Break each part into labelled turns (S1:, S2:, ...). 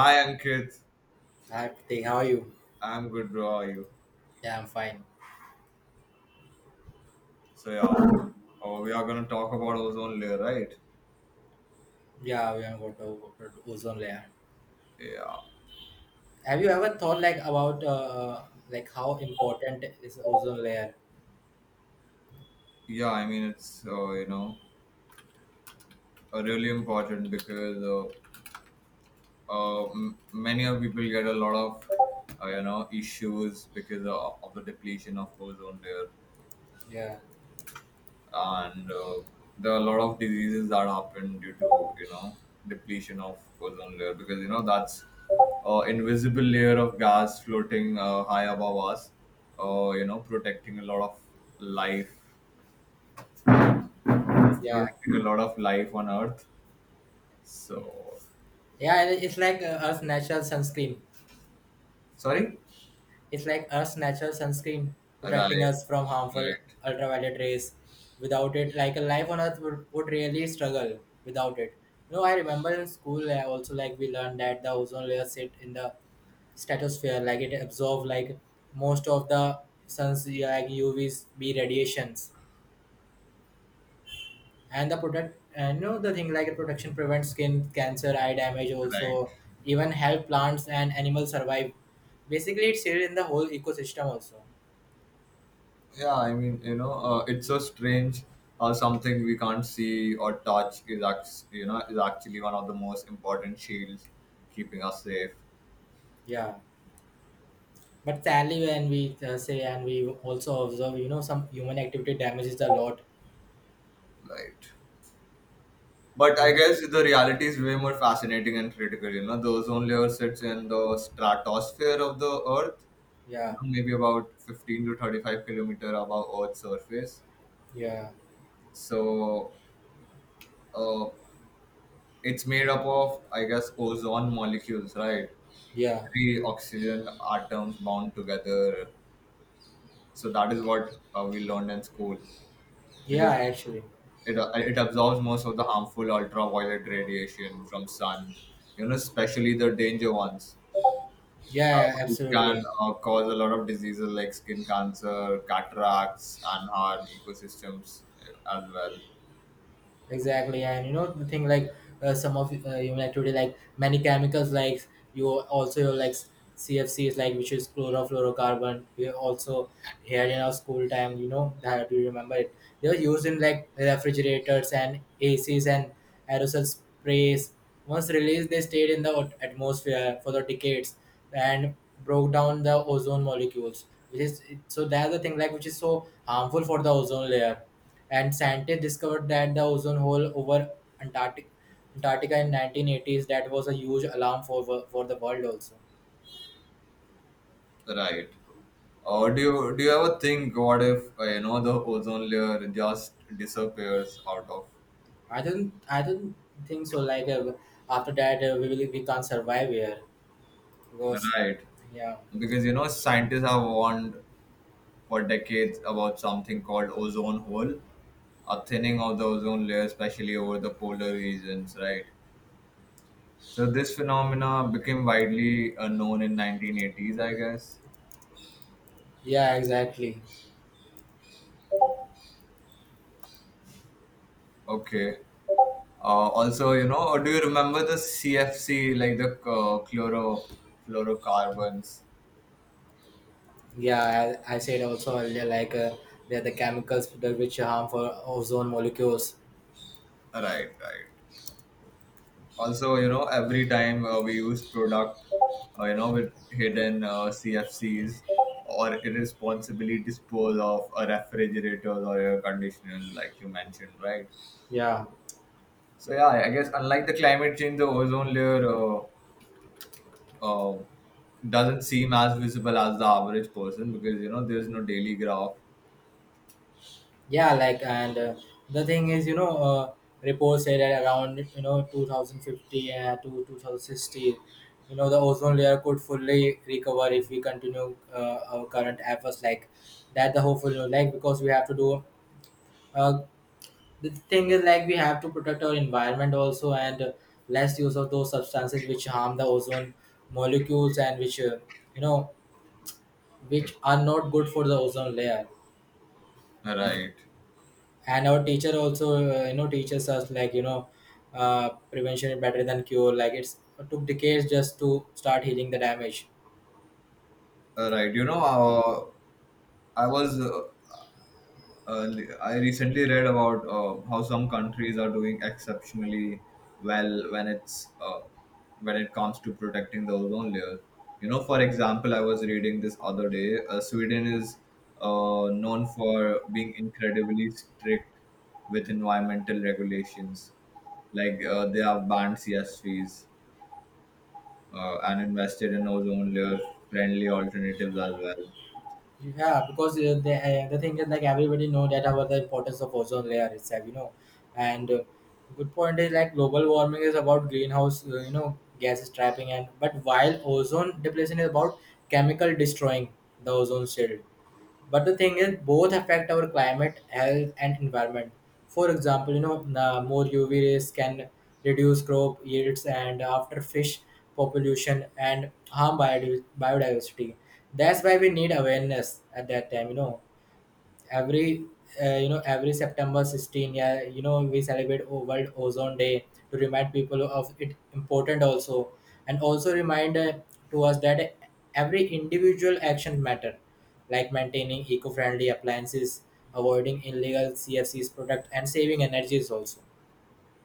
S1: Hi Ankit,
S2: Hi, Pratik. How are you?
S1: I'm good, bro. How are you?
S2: Yeah, I'm fine.
S1: So yeah, oh, we are gonna talk about ozone layer, right?
S2: Yeah, we are going to go to ozone layer.
S1: Yeah,
S2: Have you ever thought like about like how important is ozone layer?
S1: yeah. I mean, it's really important because many of people get a lot of issues because of the depletion of ozone layer.
S2: Yeah,
S1: And there are a lot of diseases that happen due to you know depletion of ozone layer because you know that's invisible layer of gas floating high above us protecting a lot of life
S2: yeah,
S1: protecting a lot of life on earth. So
S2: yeah. It's like Earth's natural sunscreen.
S1: sorry.
S2: It's like Earth's natural sunscreen
S1: Right,
S2: protecting us from harmful
S1: right,
S2: ultraviolet rays. Without it, like a life on Earth would really struggle without it. You know, I remember in school, I also like we learned that the ozone layer sit in the stratosphere, like it absorbs like most of the sun's, yeah, like UVs B radiations, and the product and you know the thing like protection prevents skin cancer, eye damage,
S1: right.
S2: also even help plants and animals survive. Basically, it's here in the whole ecosystem also.
S1: Yeah, I mean, you know, it's so strange how something we can't see or touch is is actually one of the most important shields keeping us safe.
S2: Yeah. But sadly, when we say and we also observe, some human activity damages a lot.
S1: Right. But I
S2: And
S1: guess the reality is way more fascinating and critical. You know, the ozone layer sits in the stratosphere of the Earth. You
S2: yeah,
S1: know, maybe about 15 to 35 kilometer above Earth's surface.
S2: yeah,
S1: So, uh, it's made up of I guess ozone molecules, right?
S2: yeah,
S1: Three oxygen atoms bound together. So that is what we learned in school
S2: yeah,
S1: because
S2: actually,
S1: it absorbs most of the harmful ultraviolet radiation from sun. You know, especially the danger ones, uh,
S2: yeah,
S1: which
S2: absolutely.
S1: can cause a lot of diseases like skin cancer, cataracts, and harm ecosystems as well.
S2: Exactly, and you know the thing like some of like today, like many chemicals like, you also your like, CFC is like, which is chlorofluorocarbon, we also here in our school time, you know that we remember it. They were used in like refrigerators and acs and aerosol sprays. Once released, they stayed in the atmosphere for the decades and broke down the ozone molecules, which is, so that's the thing like which is so harmful for the ozone layer. And scientists discovered that the ozone hole over Antarctic, Antarctica in 1980s. That was a huge alarm for for the world also.
S1: Right. Or do you ever think what if you know the ozone layer just disappears out of.
S2: I don't think so. Like after that, we can't survive here because,
S1: Right.
S2: yeah,
S1: Because you know, scientists have warned for decades about something called ozone hole, a thinning of the ozone layer, especially over the polar regions, right? So this phenomena became widely known in 1980s, I guess.
S2: yeah, exactly.
S1: Okay. Also, you know, do you remember the CFC, like the chlorofluorocarbons?
S2: Yeah, I said also earlier, like they're the chemicals that which harm for ozone molecules.
S1: Right, right. Also, you know, every time we use product with hidden cfcs or irresponsibly dispose of a refrigerator or air conditioner like you mentioned, right.
S2: Yeah.
S1: So yeah, I guess unlike the climate change the ozone layer uh, doesn't seem as visible as the average person because you know there's no daily graph,
S2: Yeah, like, and the thing is, you know, report said that around, you know, 2050 to 2060, you know, the ozone layer could fully recover if we continue our current efforts like that. The hopeful, you like, because we have to do, uh, the thing is, like, we have to protect our environment also, and less use of those substances which harm the ozone molecules, and which, you know, which are not good for the ozone layer.
S1: right.
S2: And our teacher also, teaches us like, you know, prevention is better than cure, like it's, it took decades just to start healing the damage.
S1: Right, you know, I was uh, uh, I recently read about how some countries are doing exceptionally well when it's when it comes to protecting the ozone layer. You know, for example, I was reading this other day. Sweden is known for being incredibly strict with environmental regulations. Like they have banned CSVs and invested in ozone layer friendly alternatives as well.
S2: Yeah, because the thing is like everybody know that about the importance of ozone layer itself, you know. And good point is like global warming is about greenhouse gases trapping, and but while ozone depletion is about chemical destroying the ozone shield. But the thing is, both affect our climate, health, and environment. For example, you know, the more UV rays can reduce crop yields and after fish population and harm biodiversity. That's why we need awareness at that time, every every september 16, yeah, you know we celebrate world ozone day to remind people of it important also, and also remind to us that every individual action matter, like maintaining eco-friendly appliances, avoiding illegal cfcs product, and saving energies also.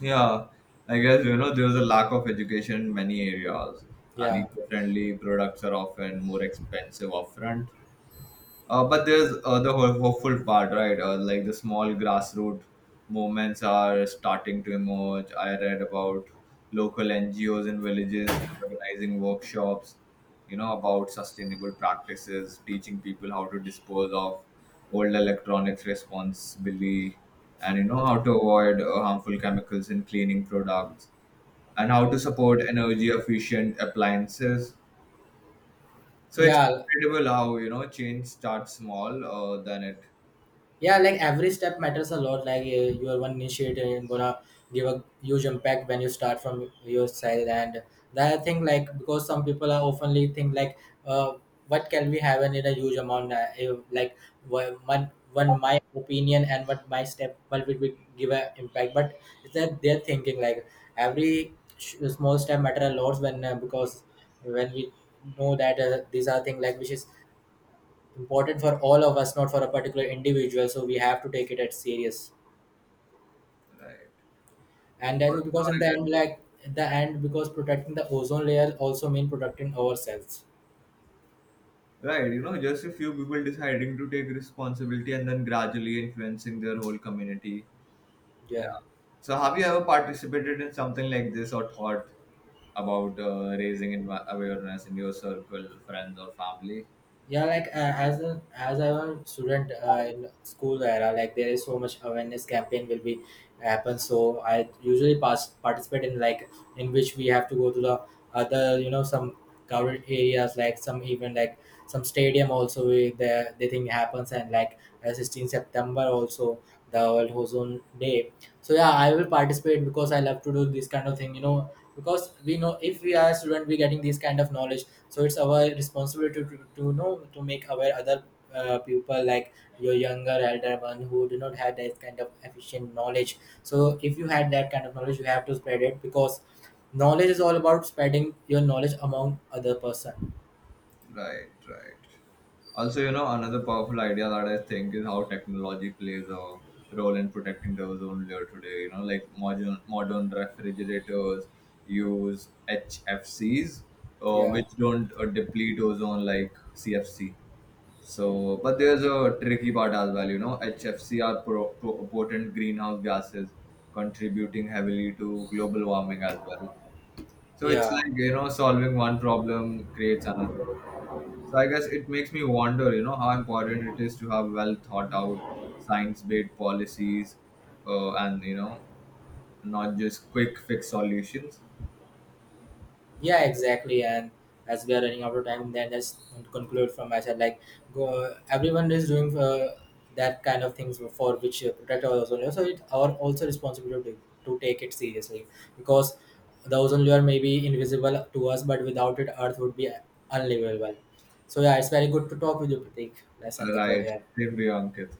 S1: Yeah, I guess you know there's a lack of education in many areas, and
S2: yeah
S1: eco-friendly products are often more expensive upfront, but there's hopeful part, right? Like the small grassroots movements are starting to emerge. I read about local NGOs in villages organizing workshops, you know, about sustainable practices, teaching people how to dispose of old electronics responsibly, and you know how to avoid harmful chemicals in cleaning products, and how to support energy efficient appliances. So it's
S2: yeah
S1: incredible how you know change starts small, then it.
S2: yeah like every step matters a lot. Like you are one initiator and gonna give a huge impact when you start from your side. And the other thing, like because some people are oftenly think like, uh, what can we have in a huge amount, if, like, one my opinion and what my step what will we give a impact, but it's that they're thinking like every small step matter a lot when, because when we know that, these are things like which is important for all of us, not for a particular individual. So we have to take it at serious.
S1: Right.
S2: And that's
S1: Also,
S2: because in the
S1: I
S2: end, like at the end, because protecting the ozone layer also mean protecting ourselves.
S1: guess, right, you know, just a few people deciding to take responsibility and then gradually influencing their whole community. Yeah.
S2: Yeah.
S1: So, have you ever participated in something like this or thought about raising awareness in your circle, friends, or family?
S2: Yeah, like as I was a student in school era, like there is so much awareness campaign will be happen, so I usually pass participate in, like, in which we have to go to the other, you know, some covered areas, like some even like some stadium also we, the thing happens. And like 16 september also, the world ozone day. So yeah, I will participate because I love to do this kind of thing, you know, because we know if we are a student we getting this kind of knowledge, so it's our responsibility to know to make aware other people, like your younger elder one who do not have that kind of efficient knowledge. So if you had that kind of knowledge you have to spread it, because knowledge is all about spreading your knowledge among other person.
S1: Right, right. Also, you know, another powerful idea that I think is how technology plays a role in protecting the ozone layer today. You know, like modern refrigerators use HFCs,
S2: Yeah,
S1: which don't deplete ozone like CFC. So, but there's a tricky part as well. You know, HFC are potent greenhouse gases, contributing heavily to global warming as well. So it's
S2: yeah.
S1: like you know, solving one problem creates another. So I guess it makes me wonder, you know, how important it is to have well thought out science-based policies, and you know, not just quick fix solutions.
S2: Yeah, exactly. And as we are running out of time, then let's conclude from my side. Like, go, everyone is doing that kind of things for which protect our ozone layer. So it's our also responsibility to take it seriously, because the ozone layer may be invisible to us, but without it, Earth would be unlivable. So yeah, it's very good to talk with you, Pratik. Let's end the call
S1: Right,
S2: here.
S1: same to you, Ankit.